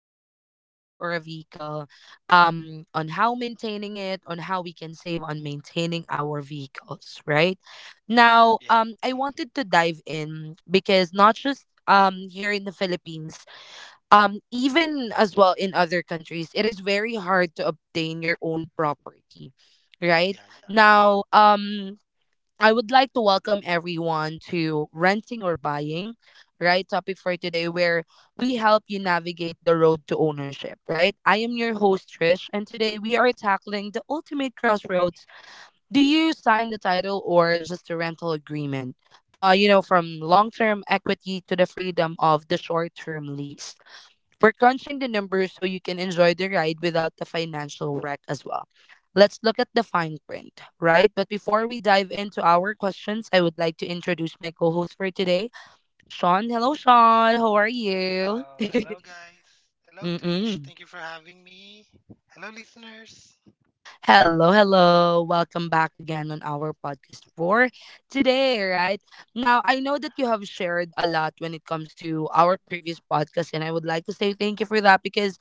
either a car or a vehicle, on how maintaining it, on how we can save on maintaining our vehicles, right? Now, Yes. I wanted Hmm. to dive in because not just here in the Philippines, even as well in other countries, it is very hard to obtain your own property, right. Yeah, yeah. Now, I would like to welcome everyone to renting or buying, right, topic for today, where we help you navigate the road to ownership, right. I am your host, Trish, and today we are tackling the ultimate crossroads. Do you sign the title or just a rental agreement? From long-term equity to the freedom of the short-term lease, we're crunching the numbers so you can enjoy the ride without the financial wreck as well. Let's look at the fine print, right? But before we dive into our questions, I would like to introduce my co host for today, Sean. Hello, Sean. How are you? Hello, guys. Hello, Mm-mm. Trish. Thank you for having me. Hello, listeners. Hello, hello. Welcome back again on our podcast for today, right? Now, I know that you have shared a lot when it comes to our previous podcast, and I would like to say thank you for that because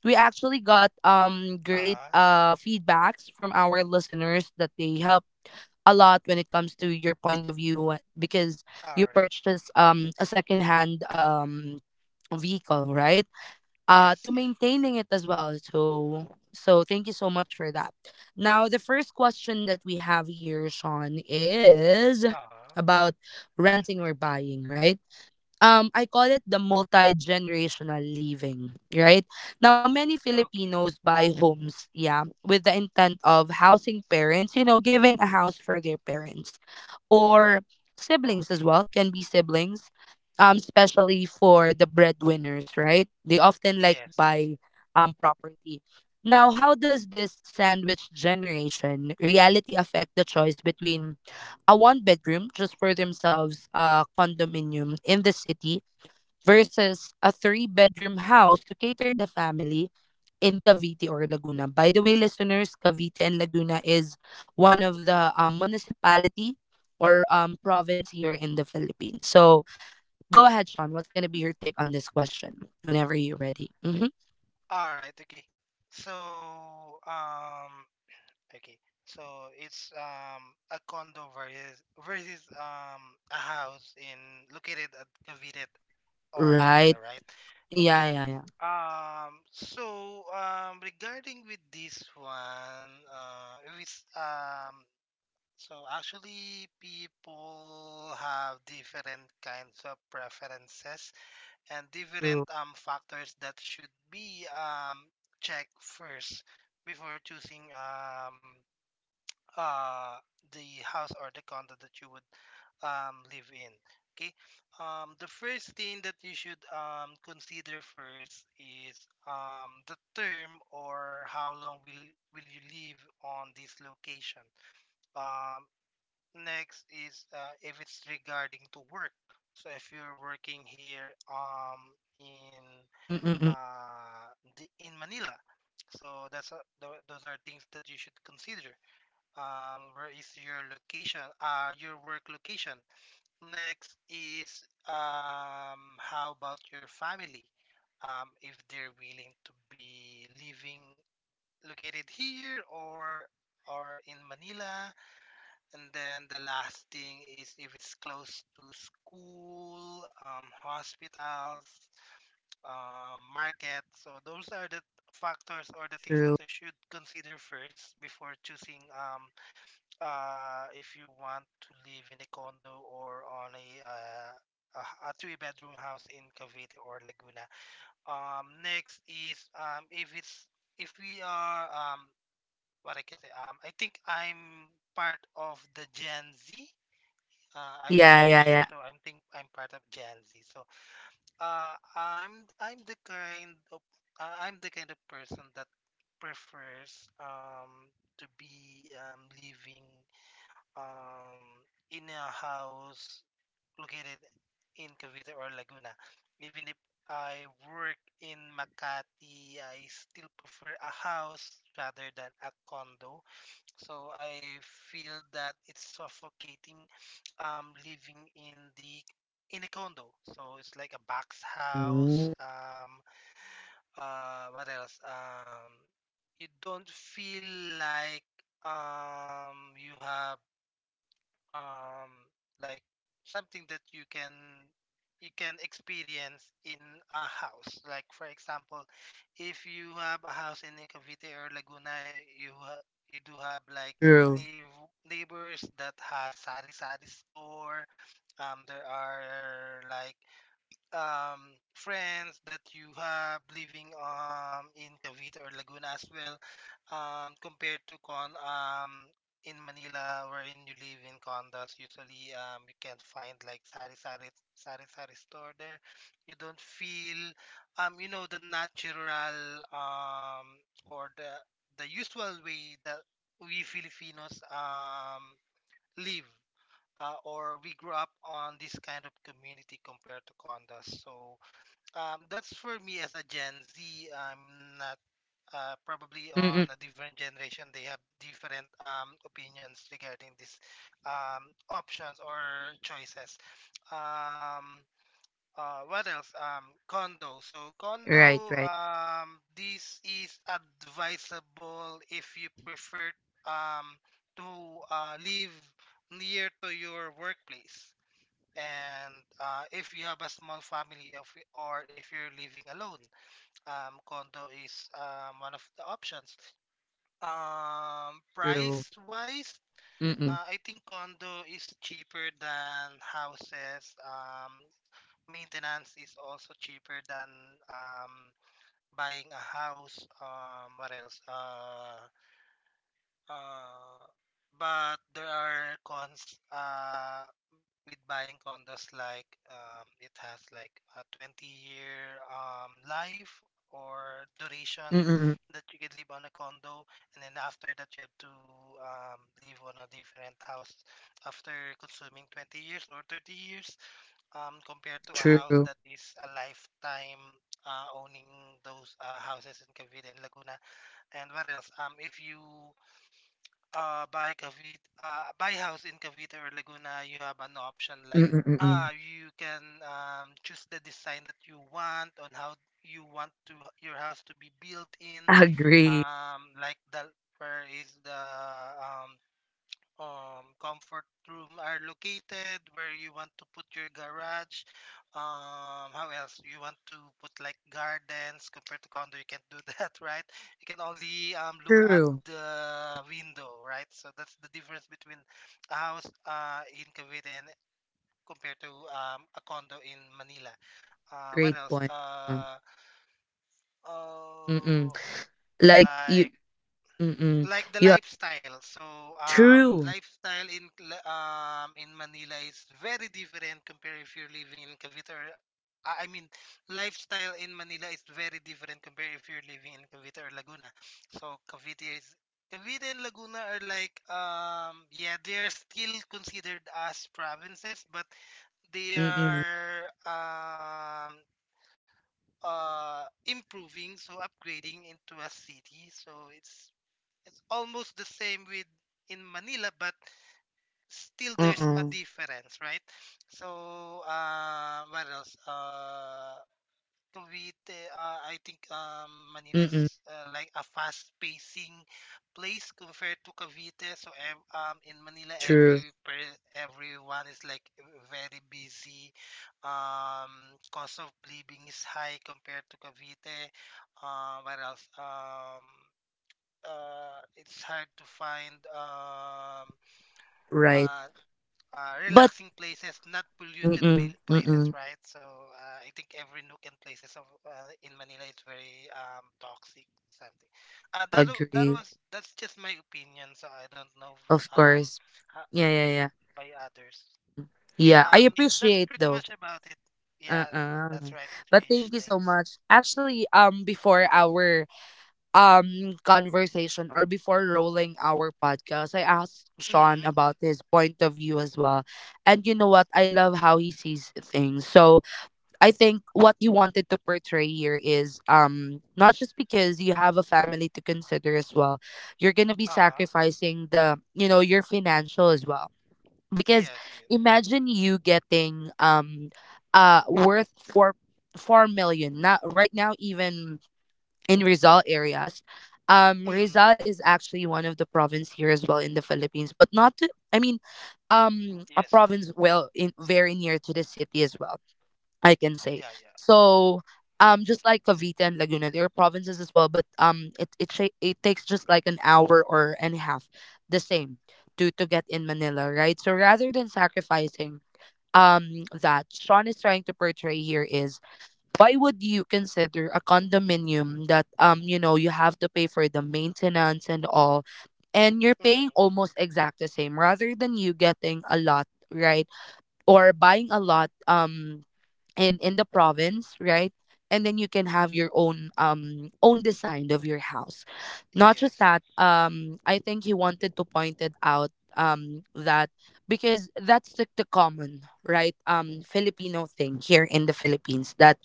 we actually got great Uh, feedbacks from our listeners that they help a lot when it comes to your point of view, because you all right. purchase a second hand vehicle, right, to Yes, yes. maintaining it as well. So thank you so much for that. Now the first question that we have here, Sean, is Uh, about renting or buying, right. I call it the multi-generational living, right? Now many Filipinos okay. buy homes, yeah, with the intent of housing parents, giving a house for their parents or siblings, as well Okay. can be siblings. Especially for the breadwinners, right, they often like Yes, buy yes. Property. Now how does this sandwich generation reality affect the choice between a one bedroom just for themselves condominium in the city versus a three-bedroom house to cater the family in Cavite or Laguna? By the way, listeners, Cavite and Laguna is one of the, municipality or, province here in the Philippines. So go ahead, Sean. What's going to be your take on this question whenever you're ready? Hmm. All right. Okay. So, um, okay. So it's a condo versus a house in located at Cavite or Laguna, Right. right? Yeah, Okay. yeah, yeah. Regarding with this one, with so actually people have different kinds of preferences and different True. Factors that should be checked first before choosing uh the house or the condo that you would live in. Okay. The first thing that you should consider first is the term, or how long will you live on this location. um next is, if it's regarding to work. So if you're working here, in Mm-mm-mm. In In the Manila, city. So that's, those are things that you should consider, where is your location, your work location. Next is, how about your family? If they're willing to be living located here, or in Manila, and then the last thing is if it's close to school, hospitals, market. So those are the factors or the things True. that I should consider first before choosing, if you want to live in a condo, or on a, a three-bedroom house in Cavite or Laguna. Next is, if it's, if we are, what I can say, I think I'm part of the Gen Z. I'm Yeah, yeah, 28, yeah. so I think I'm part of Gen Z. So, I'm the kind of, I'm the kind of person that prefers, to be, living, um, in a house located in Cavite or Laguna. Even if I work in Makati, I still prefer a house rather than a condo. So I feel that it's suffocating, living in a condo. So it's like a box house. Mm, What else? You don't feel like, you have, um like something that you can experience in a house, like for example, if you have a house in Cavite or Laguna, you do have like true. neigh- neighbors that has sari-sari store. There are like, um friends that you have living, in Cavite or Laguna as well, compared to, con in Manila, wherein you live in condos, usually you can't find like sari-sari store there. You don't feel, the natural, or the usual way that we Filipinos, live, or we grew up on this kind of community, compared to condos. So, that's for me as a Gen Z. I'm not. Probably on Mm-mm. a different generation they have different, opinions regarding these, options or choices. um, what else? Right, condo, right. This is advisable if you prefer, um, to, live near to your workplace, and, if you have a small family of, or if you're living alone, condo is, one of the options, True. price wise. Mm-mm. I think condo is cheaper than houses. Maintenance is also cheaper than, um, buying a house. What else? Uh, but there are cons. With buying condos like, it has like a 20 year, life or duration Mm-mm. that you could live on a condo, and then after that you have to, live on a different house after consuming 20 years or 30 years, compared to a house True. that is a lifetime, owning those, houses in Cavite and Laguna. And what else? If you, buy house in Cavite or Laguna, you have an option like, Mm, mm. You can, choose the design that you want, on how you want to your house to be built in, Agree. Like, the where is the, um comfort room are located, where you want to put your garage. How else? You want to put like gardens, compared to condo, you can't do that, right? You can only, look at True. the window, right? So that's the difference between a house, in Cavite, and compared to, a condo in Manila. What Great else? point. Uh, Mm-mm. Oh, Like you like, mm-mm. The Yeah, lifestyle. So, true. lifestyle in, Manila is very different compared if you're living in Cavite or, I mean, lifestyle in Manila is very different compared if you're living in Cavite or Laguna. So, Cavite and Laguna are like, yeah, they're still considered as provinces, but they Mm-mm. are, uh improving, so upgrading into a city. So it's almost the same with in Manila, but still there's a Mm-mm. difference, right? So, what else? I think, Manila Mm-mm. is, like a fast-pacing place compared to Cavite. So, in Manila, True. Everyone is like very busy. Um, cost of living is high compared to Cavite. What else? It's hard to find, Right. uh, But relaxing places, not polluted, mm-mm. Places, Mm-mm. right? So, I think every nook and places of, in Manila is very, toxic. Something. That w- that Agree. was that's just my opinion. So I don't know, Of course. ho- Yeah, yeah, yeah. by others. Mm. Yeah. Yeah, I That's appreciate pretty though. much about it. Yeah. That's Uh-uh. right, But Trish. thank you so Thanks. much. Actually, before our conversation, or before rolling our podcast, I asked Sean Mm. about his point of view as well. And you know what? I love how he sees things. So I think what he wanted to portray here is, not just because you have a family to consider as well. You're gonna be Ah, sacrificing the, your financial as well. Because yes. Yes. imagine you getting worth four million. Not right now even in Rizal areas. Mm. Rizal is actually one of the province here as well in the Philippines, but not. To, I mean, a Yes. province Yes. well in very near to the city as well. I can say Yeah. Yeah. so. Just like Cavite and Laguna, there are provinces as well, but it takes just like an hour or and a half, the same, to get in Manila, right? So rather than sacrificing, that Sean is trying to portray here is, why would you consider a condominium that, you know, you have to pay for the maintenance and all, and you're paying Mm. almost exact the same rather than you getting a lot, right, or buying a lot, in the province, right. And then you can have your own, own design of your house. Not just Yes, that, yes. I think he wanted to point it out, that because that's the common right, Filipino thing here in the Philippines, that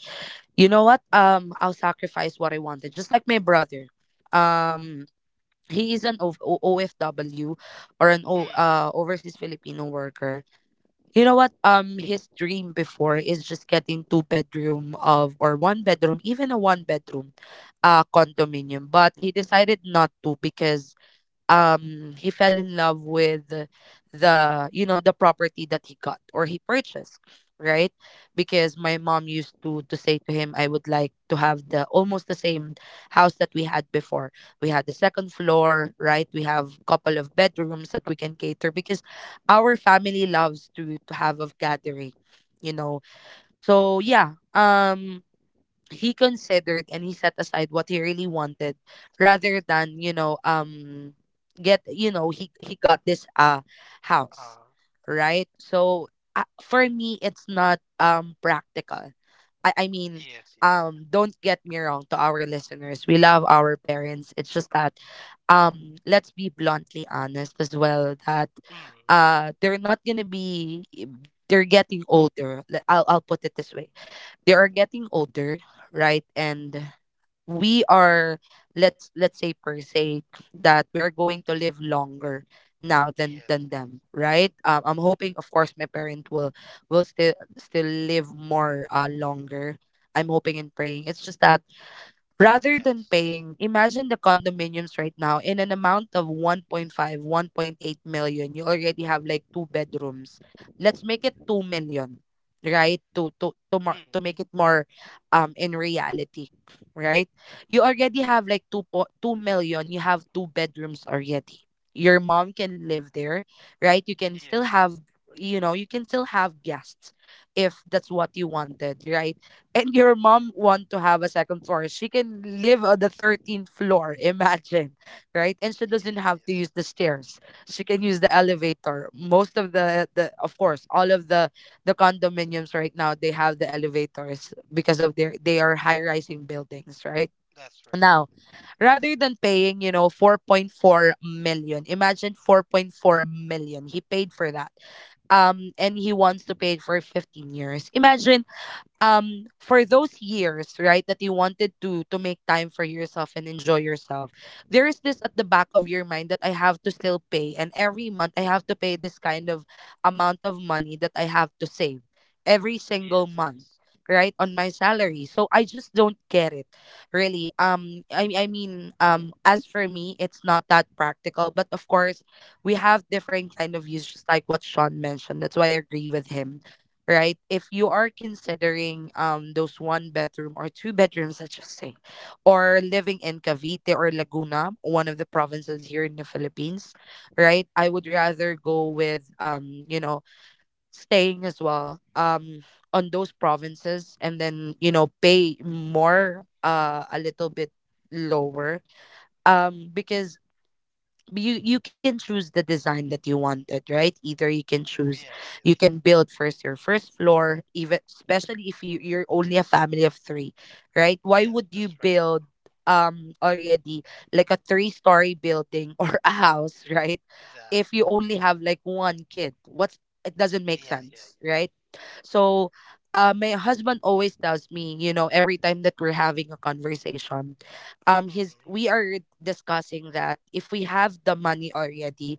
you know what, I'll sacrifice what I wanted, just like my brother. um he is an OFW, or an Mm. overseas Filipino worker. You know what, his dream before is just getting two bedroom of, or one bedroom, even a one bedroom condominium, but he decided not to because, he fell in love with the, the property that he got or he purchased, right. Because my mom used to say to him, I would like to have the almost the same house that we had before. We had the second floor, right, we have couple of bedrooms that we can cater, because our family loves to have a gathering, you know so yeah, he considered and he set aside what he really wanted, rather than, get, he got this house, Uh, right. So, for me it's not practical. I mean, yes, yes, don't get me wrong to our listeners, we love our parents. It's just that, let's be bluntly honest as well, that yes. Mm. They're not going to be, they're getting older. I'll put it this way: they are getting older, right. And we are, let's say per se, that we are going to live longer now than Yes, them, right. I'm hoping, of course, my parent will still live more, longer. I'm hoping and praying. It's just that, yes, rather than yes. paying, imagine the condominiums right now in an amount of 1.5, 1.8 million, you already have like two bedrooms. Let's make it 2 million, right? To more, to Mm. make it more, in reality, right? You already have like 2 million, you have two bedrooms already. Your mom can live there, right? You can still Yes, have, you can still have guests if that's what you wanted, right? And your mom want to have a second floor, she can live on the 13th floor. Imagine, right? And she doesn't yes, have to use yes. the stairs. She can use the elevator. Most of the of course, all of the condominiums right now, they have the elevators because of their they are high-rising buildings, right? That's right. Now, rather than paying, 4.4 million, imagine 4.4 million. He paid for that. And he wants to pay it for 15 years. Imagine for those years, right, that you wanted to make time for yourself and enjoy yourself. There is this at the back of your mind that I have to still pay, and every month I have to pay this kind of amount of money that I have to save every single Yes, month, yes. right, on my salary. So I just don't get it, really. I mean, as for me it's not that practical, but of course we have different kind of views, just like what Sean mentioned. That's why I agree with him, right? If you are considering, those one bedroom or two bedrooms, let's just say, or living in Cavite or Laguna, one of the provinces here in the Philippines, right? I would rather go with staying as well on those provinces, and then, pay more a little bit lower, because you can choose the design that you wanted, right? Either you can choose Yes, you yes, can yes. build first your first floor, even especially if you're only a family of three. Right, why Yes, would you that's right. build already like a three-story building or a house, right? The, If you only have like one kid, what's it doesn't make yeah, yeah, sense, right? So my husband always tells me, you know, every time that we're having a conversation, yeah. his Mm. we are discussing that if we have the money already,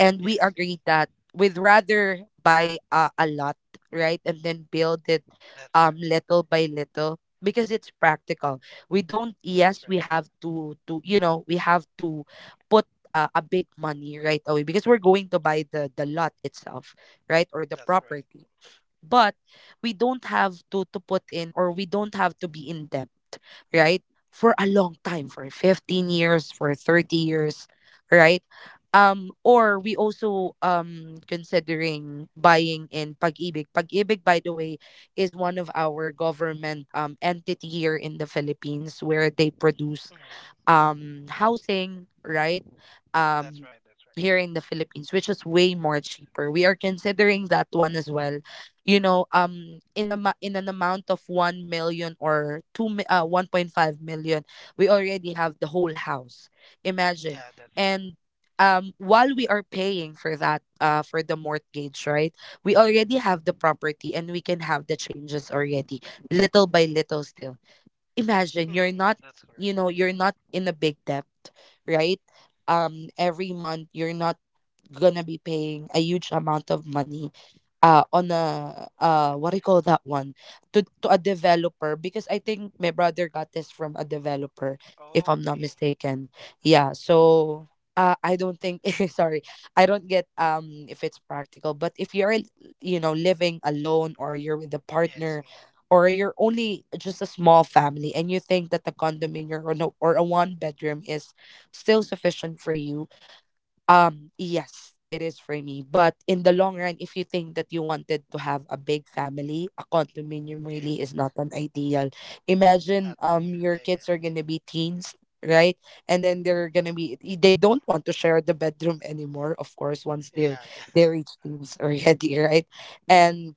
and we Yes, yes. agree that we'd rather buy a lot, right, and then build it That's right. little by little, because it's practical. We don't, That's yes, we right. have to you know, we have to put a big money right away because we're going to buy the lot itself, right, or the That's right. property. But we don't have to put in, or we don't have to be in debt, right, for a long time, for 15 years, for 30 years, right. Um, or we also considering buying in pag-ibig. Pag-ibig, by the way, is one of our government entity here in the Philippines, where they produce Mm. Housing, right. That's Um right. That's here right. in the Philippines, which is way more cheaper, we are considering that one as well. You know, in a in an amount of 1 million or 1.5 million, we already have the whole house, imagine. Yeah, that's right. And while we are paying for that, for the mortgage, right, we already have the property and we can have the changes already, little by little, still. Imagine, you're Mm. not, That's correct. you know, you're not in a big debt, right. Um every month you're not gonna be paying a huge amount of money on a what do you call that one, to a developer, because I think my brother got this from a developer, if I'm not Okay. mistaken. Yeah, so I don't think sorry, I don't get if it's practical, but if you're, you know, living alone, or you're with a Yes. partner, Mm. or you're only just a small family, and you think that the condominium, or no, or a one bedroom is still sufficient for you, yes, it is for me. But in the long run, if you think that you wanted to have a big family, a condominium really Yes, is not yes. an ideal. Imagine Not the, your yeah, kids yeah. are gonna be teens, right? And then they're gonna they don't want to share the bedroom anymore, of course, once they're Yeah, they reach teens already, right? Mm. And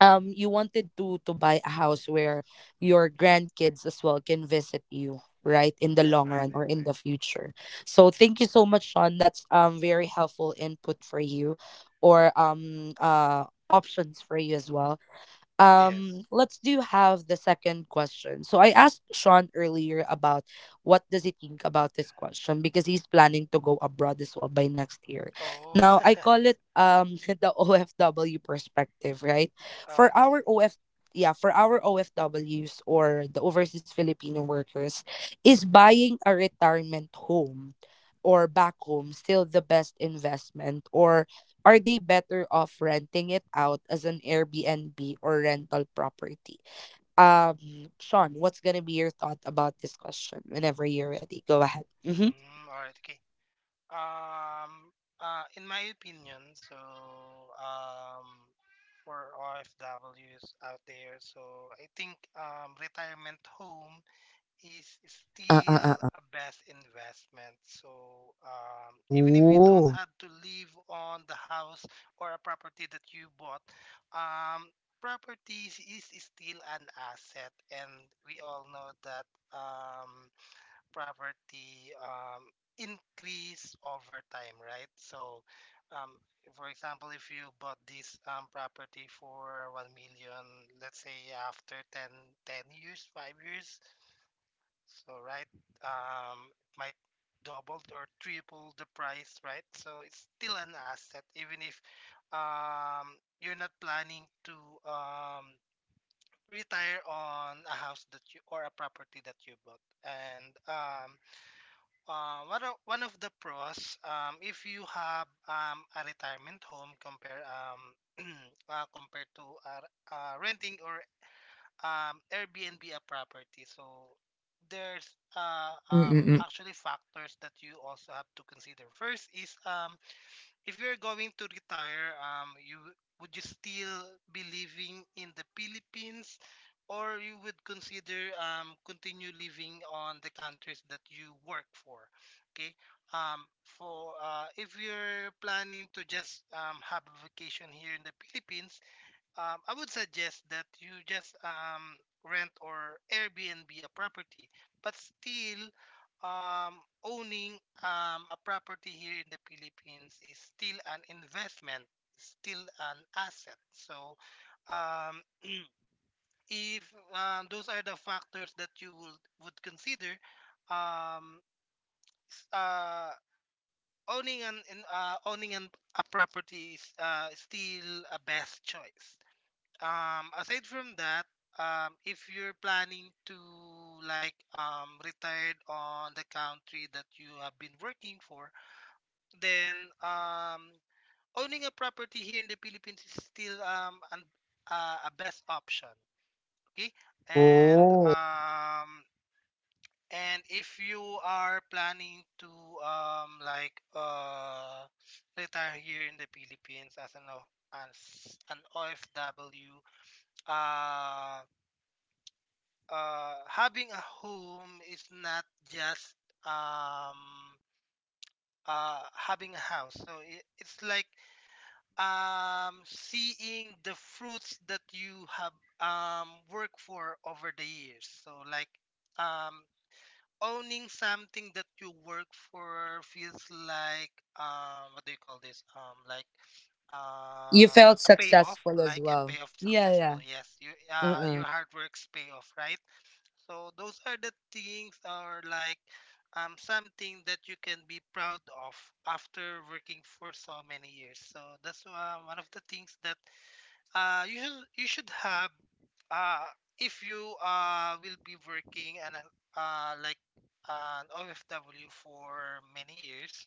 you wanted to buy a house where your grandkids as well can visit you, right, in the that's long right. run or That's in right. the future. So thank you so much, Sean, that's very helpful input for you, or options for you as well. Um, Yes. let's do have the second question. So I asked Sean earlier about what does he think about this question, because he's planning to go abroad as well by next year. Oh, Now I call it the OFW perspective, right, for okay. our OF, yeah, for our OFWs, or the overseas Filipino workers, is buying a retirement home or back home still the best investment, or are they better off renting it out as an Airbnb or rental property? Sean, what's gonna be your thought about this question whenever you're ready? Go ahead. Mm-hmm. Mm, all right, okay. Um, in my opinion, so, um, for OFWs out there, so I think, retirement home is Uh uh still uh. uh. a best investment. So, even if you don't Ooh. have to live on the house or a property that you bought, um, properties is still an asset, and we all know that. Um, Property, increase over time, right? So, um, for example, if you bought this, property for 1 million, let's say after 10 10 years, 5 years, so right, it might double or triple the price, right? So it's still an asset, even if, you're not planning to, um, retire on a house that you, or a property that you bought. And, one of the pros, if you have, a retirement home, compare compared to, renting or, Airbnb a property. So there's, Mm-mm-mm. actually factors that you also have to consider. First is, if you're going to retire, you would, you still be living in the Philippines, or you would consider, continue living on the countries that you work for? Okay. For if you're planning to just, have a vacation here in the Philippines, I would suggest that you just, rent or Airbnb a property, but still, um, owning, a property here in the Philippines is still an investment, still an asset. So, um, if, those are the factors that you would consider, um, uh, owning an owning an, a property is, still a best choice. Aside from that, if you're planning to like, retired on the country that you have been working for, then, um owning a property here in the Philippines is still, a best option. Okay. and Oh. um and if you are planning to, um like uh retire here in the Philippines as an, OFW, um having a home is not just, um, having a house. So it's like, seeing the fruits that you have, worked for over the years. So like, um, owning something that you work for feels like, what do you call this, You felt a payoff, successful as like a well. payoff. Yeah, Successful, yeah. yes, you, Uh-uh. your hard work's payoff, right? So those are the things or like, something that you can be proud of after working for so many years. So that's, one of the things that, you should have, uh if you, will be working and, like an OFW for many years.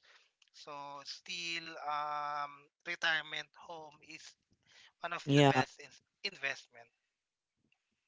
So still, retirement home is one of the Yeah. best, investment,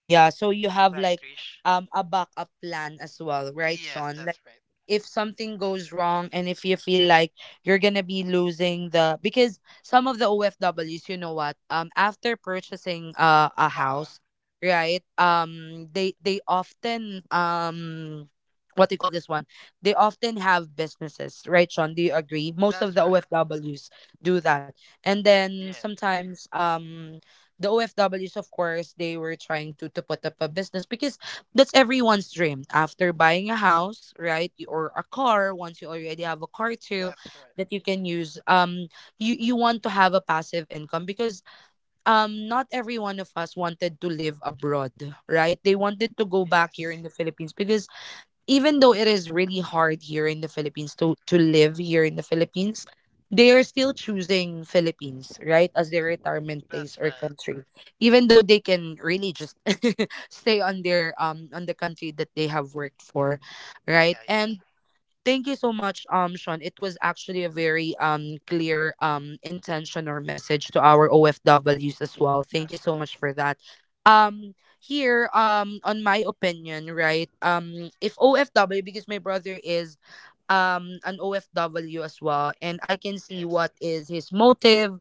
Yeah. So you have right, like Trish? A backup plan as well, right, Yes, Sean? that's Like right. if something goes wrong, and if you feel like you're gonna be losing the, because some of the OFWs, you know what, after purchasing a Ah, house, right? They often what do you call this one? They often have businesses, right, Sean? Do you agree? Most of that's the right. OFWs do that. And then Yes, sometimes the OFWs, of course, they were trying to put up a business, because that's everyone's dream. After buying a house, right, you- or a car, once you already have a car too, that's right. that you can use. You you want to have a passive income, because not every one of us wanted to live abroad, right? They wanted to go back here Yes, in the Philippines, because even though it is really hard here in the Philippines to live here in the Philippines, they are still choosing Philippines, right, as their retirement that's place or right. country. Even though they can really just stay on their on the country that they have worked for, Yeah, right? yeah, And thank you so much, Sean. It was actually a very clear intention or message to our OFWs as well. Thank you that's so right. much for that. Um, here, on my opinion, right? If OFW, because my brother is an OFW as well, and I can see Yes, what yes, is his motive,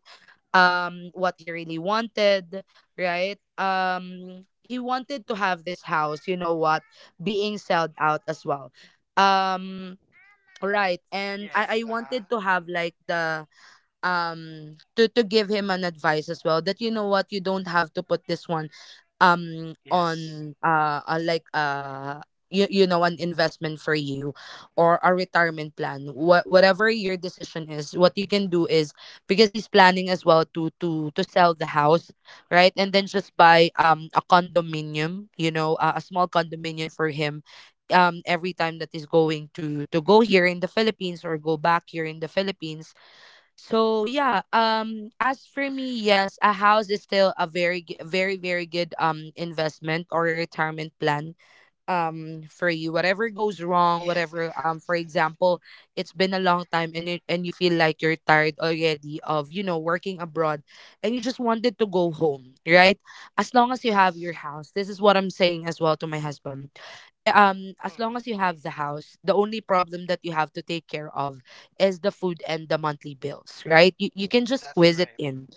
what he really wanted, right? He wanted to have this house. You know what? Being sold out as well. Um Right, and yes. I Ah, wanted to have like the to give him an advice as well that, you know what, you don't have to put this one yes, on you, you know, an investment for you, or a retirement plan, what whatever your decision is, what you can do is, because he's planning as well to sell the house, right, and then just buy a condominium, you know, a small condominium for him every time that he's going to go here in the Philippines, or go back here in the Philippines. So yeah, as for me, yes, a house is still a very very very good investment or a retirement plan for you. Whatever goes wrong, yes, yes, whatever for yes, example, it's been a long time and and you feel like you're tired already of, you know, working abroad, and you just wanted to go home, right? As long as you have your yes. house. This is what I'm saying as well to my husband, eh, Yes. as long as you Mm, have the house, the only problem that you have to take care of is the food and the monthly bills, right. You you can just that's squeeze it right. in,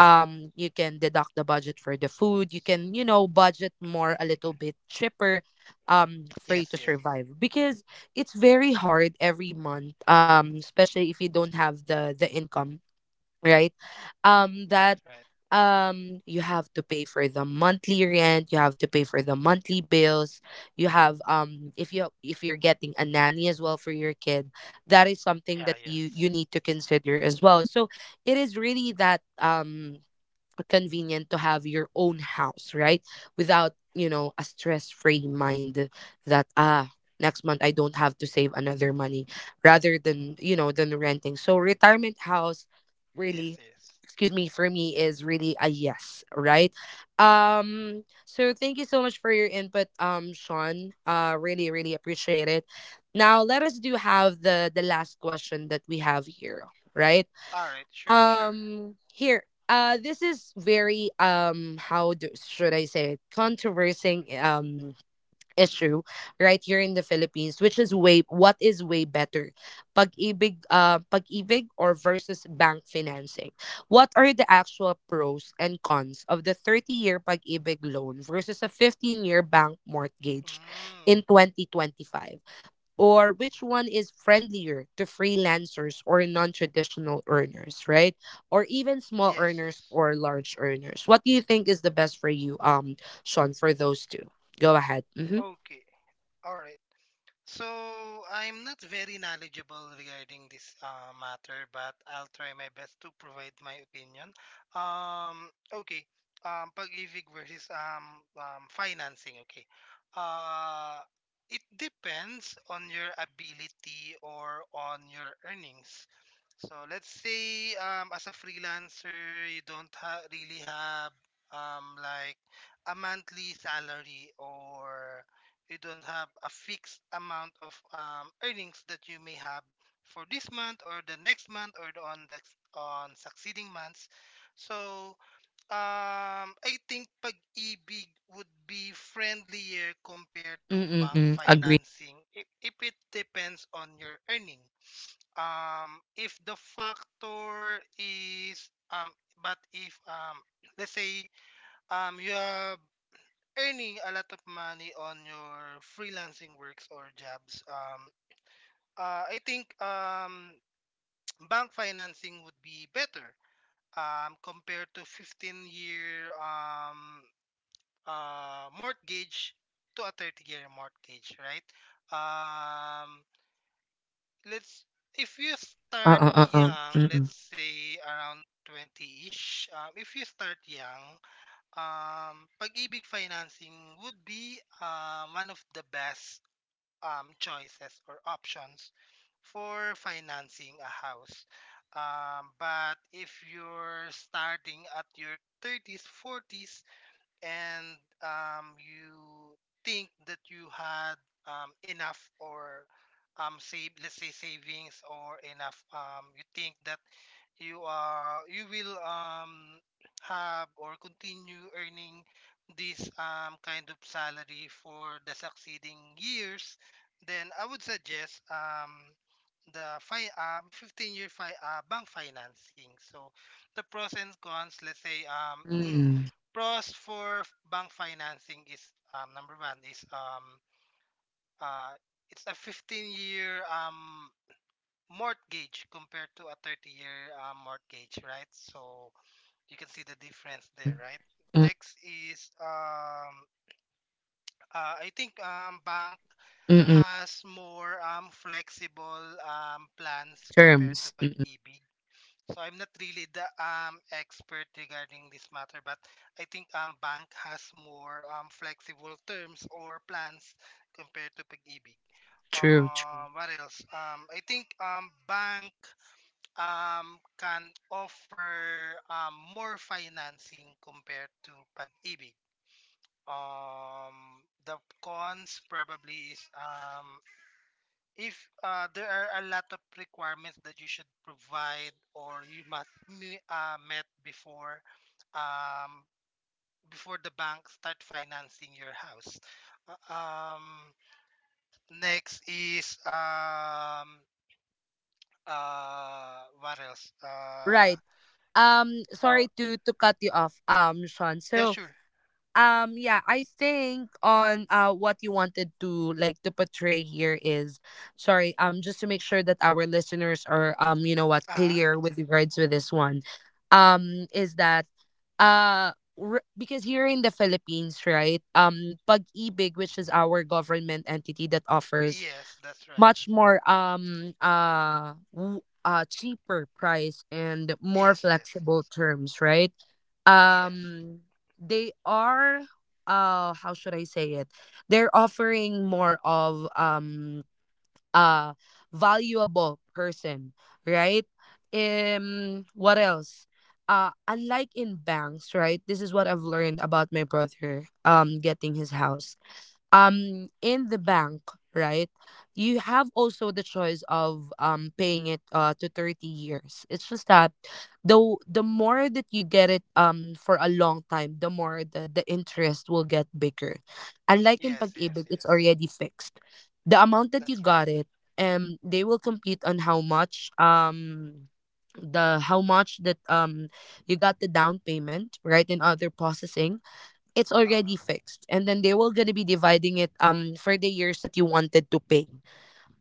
you can deduct the budget for the food, you can, you know, budget more a little bit cheaper for you Yes, to yes. survive, because it's very hard every month, especially if you don't have the income, right. Um That's that right. You have to pay for the monthly rent, you have to pay for the monthly bills, you have if you if you're getting a nanny as well for your kid, that is something Yeah, that you yes. you need to consider as well. So it is really that convenient to have your own house, right, without, you know, a stress free mind that, ah, next month I don't have to save another money, rather than, you know, than renting. So retirement house Yes, really, yes. excuse me, for me is really a yes, right. Um so thank you so much for your input, Sean, really really appreciate it. Now let us do have the last question that we have here, right. All right, sure, sure. Um here this is very how do, should I say it, controversing issue right here in the Philippines, which is way what is way better: pag-ibig, pag-ibig, or versus bank financing. What are the actual pros and cons of the 30-year pag-ibig loan versus a 15-year bank mortgage Mm, in 2025, or which one is friendlier to freelancers or non-traditional earners, right, or even small yes, earners yes. or large earners? What do you think is the best for you, Sean, for those two? Go ahead. Mm-hmm. Okay. All right. So I'm not very knowledgeable regarding this matter, but I'll try my best to provide my opinion. Okay. Pag-ibig versus financing. Okay. Uh, it depends on your ability or on your earnings. So let's say as a freelancer, you don't ha- really have um, like a monthly salary, or you don't have a fixed amount of earnings that you may have for this month or the next month or on the on succeeding months. So I think pag-ibig would be friendlier compared to Mm, bank mm, agree. financing if, it depends on your earning, if the factor is but if let's say you have earning a lot of money on your freelancing works or jobs. I think bank financing would be better compared to 15 year mortgage to a 30-year mortgage, right? Um, let's if you start Uh-uh, uh-uh. young, let's Mm, say around 20-ish. If you start young, pag-ibig financing would be one of the best choices or options for financing a house. But if you're starting at your 30s, 40s, and you think that you had enough, or save, let's say savings or enough, you think that you will have or continue earning this kind of salary for the succeeding years, then I would suggest 15 year bank financing. So the pros and cons, let's say um, mm, pros for bank financing is, number one is uh it's a 15 year mortgage compared to a 30 year mortgage, right? So you can see the difference there, mm, right? Next is I think bank mm, mm, has more flexible plans compared to terms. Mm-mm. pag-ibig. So I'm not really the expert regarding this matter, but I think bank has more flexible terms or plans compared to pag-ibig. True, true. What else? I think bank can offer more financing compared to pag-ibig. The cons probably is if there are a lot of requirements that you should provide or you must met before um, before the bank start financing your house. Uh, um, Next is what else? Right. Uh, Sorry to cut you off, Sean. yeah, So, sure. um yeah, I think on what you wanted to like to portray here is, sorry, just to make sure that our listeners are um, you know what, Ah. clear with regards with this one. Is that uh because here in the Philippines, right? Pag-ibig, which is our government entity that offers Yes, that's right. much more cheaper price and more Yes, yes, yes. flexible terms, right? Yes. Um they are, how should I say it, they're offering more of a valuable person, right. Um what else, unlike in banks, right, this is what I've learned about my brother getting his house in the bank, right. You have also the choice of paying it to 30 years. It's just that the the more that you get it for a long time, the more the interest will get bigger, unlike in Yes, yes, pag-ibig, yes. it's already fixed, the amount that That's you right. got it. Um they will compete on how much the how much that you got the down payment, right, and other processing, it's Uh, already fixed, and then they were going to be dividing it for the years that you wanted to pay,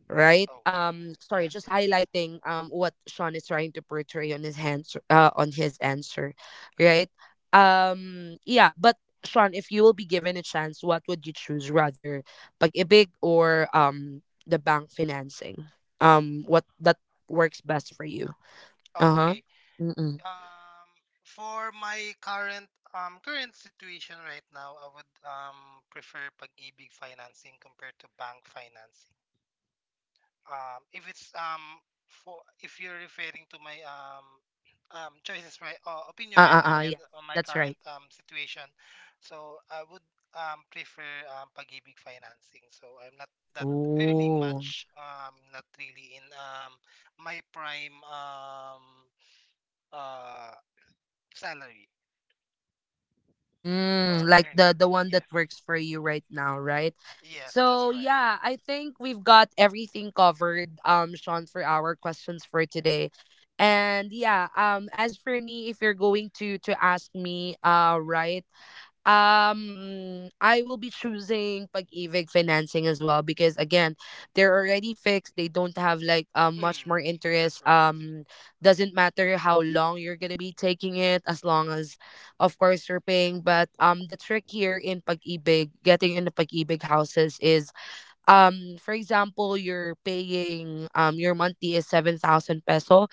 right. okay. Um sorry, Yes, just yes. highlighting what Sean is trying to portray on his hands, on his answer, right. Um yeah, but Sean, if you will be given a chance, what would you choose rather, pag-ibig or the bank financing? Um what that works best for you? Okay. Uh-huh. Mm-mm. Um, for my current current situation right now, I would prefer pag-ibig financing compared to bank financing. If it's for if you're referring to my choices, right, opinion right now Uh-uh, and yeah, on my that's current right. Situation, so I would prefer pag-ibig financing. So I'm not that earning Oh. much. Not really in my prime uh salary or Mm, like earnings. the one Yes, that works for you right now, right? yes, that's So right. yeah, I think we've got everything covered, Sean, for our questions for today. And yeah, as for me, if you're going to ask me, right, I will be choosing pag-ibig financing as well, because again, they're already fixed. They don't have like much more Mm, that's interest. right. Doesn't matter how long you're gonna be taking it, as long as, of course, you're paying. But the trick here in pag-ibig, getting into pag-ibig houses, is for example, you're paying your monthly is 7,000 peso,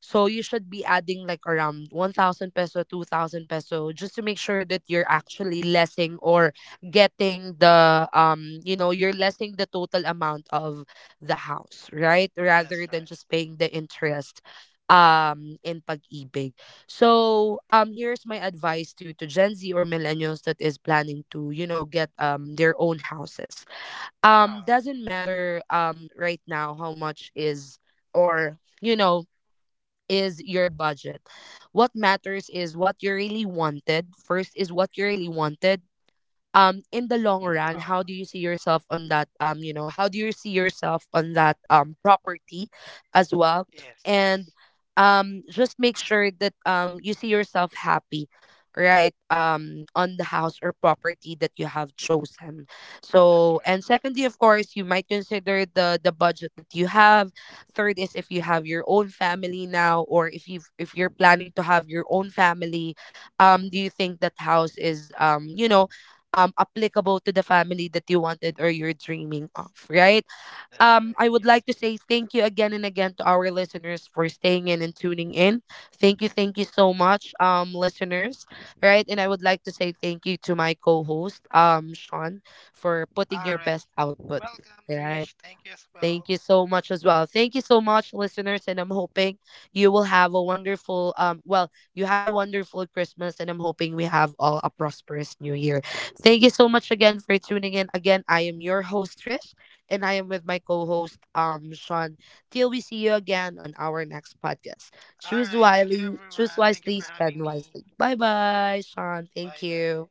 so you should be adding like around 1,000 peso, 2,000 peso, just to make sure that you're actually lessing or getting the um, you know, you're lessing the total amount of the house, right, That's rather right. than just paying the interest in pag-ibig. So here's my advice to Gen Z or millennials that is planning to, you know, get their own houses. Uh, Doesn't matter right now how much is, or, you know, is your budget. What matters is what you really wanted. First is what you really wanted in the long uh, run, how do you see yourself on that um, you know, how do you see yourself on that property as well, yes, yes, and just make sure that you see yourself happy, right, on the house or property that you have chosen. that's right. So, and secondly, of course, you might consider the budget that you have. Third is, if you have your own family now, or if you if you're planning to have your own family, do you think that house is um, you know, applicable to the family that you wanted, or you're dreaming of, right? That's right. I Yes, would like yes. to say thank you again and again to our listeners for staying in and tuning in. Thank you so much listeners, right? And I would like to say thank you to my co-host Sean for All putting right. your best output. Welcome, Trish. Right. Thank you as well. Thank you so much as well. Thank you so much, listeners. And I'm hoping you will have a wonderful, well, you had a wonderful Christmas, and I'm hoping we have all a prosperous new year. Thank you so much again for tuning in. Again, I am your host, Trish, and I am with my co host, Sean. Till we see you again on our next podcast. All right. Thank you, everyone. Choose Thank you for wisely, having spend me. wisely. Bye bye, Sean. Bye Thank bye. you.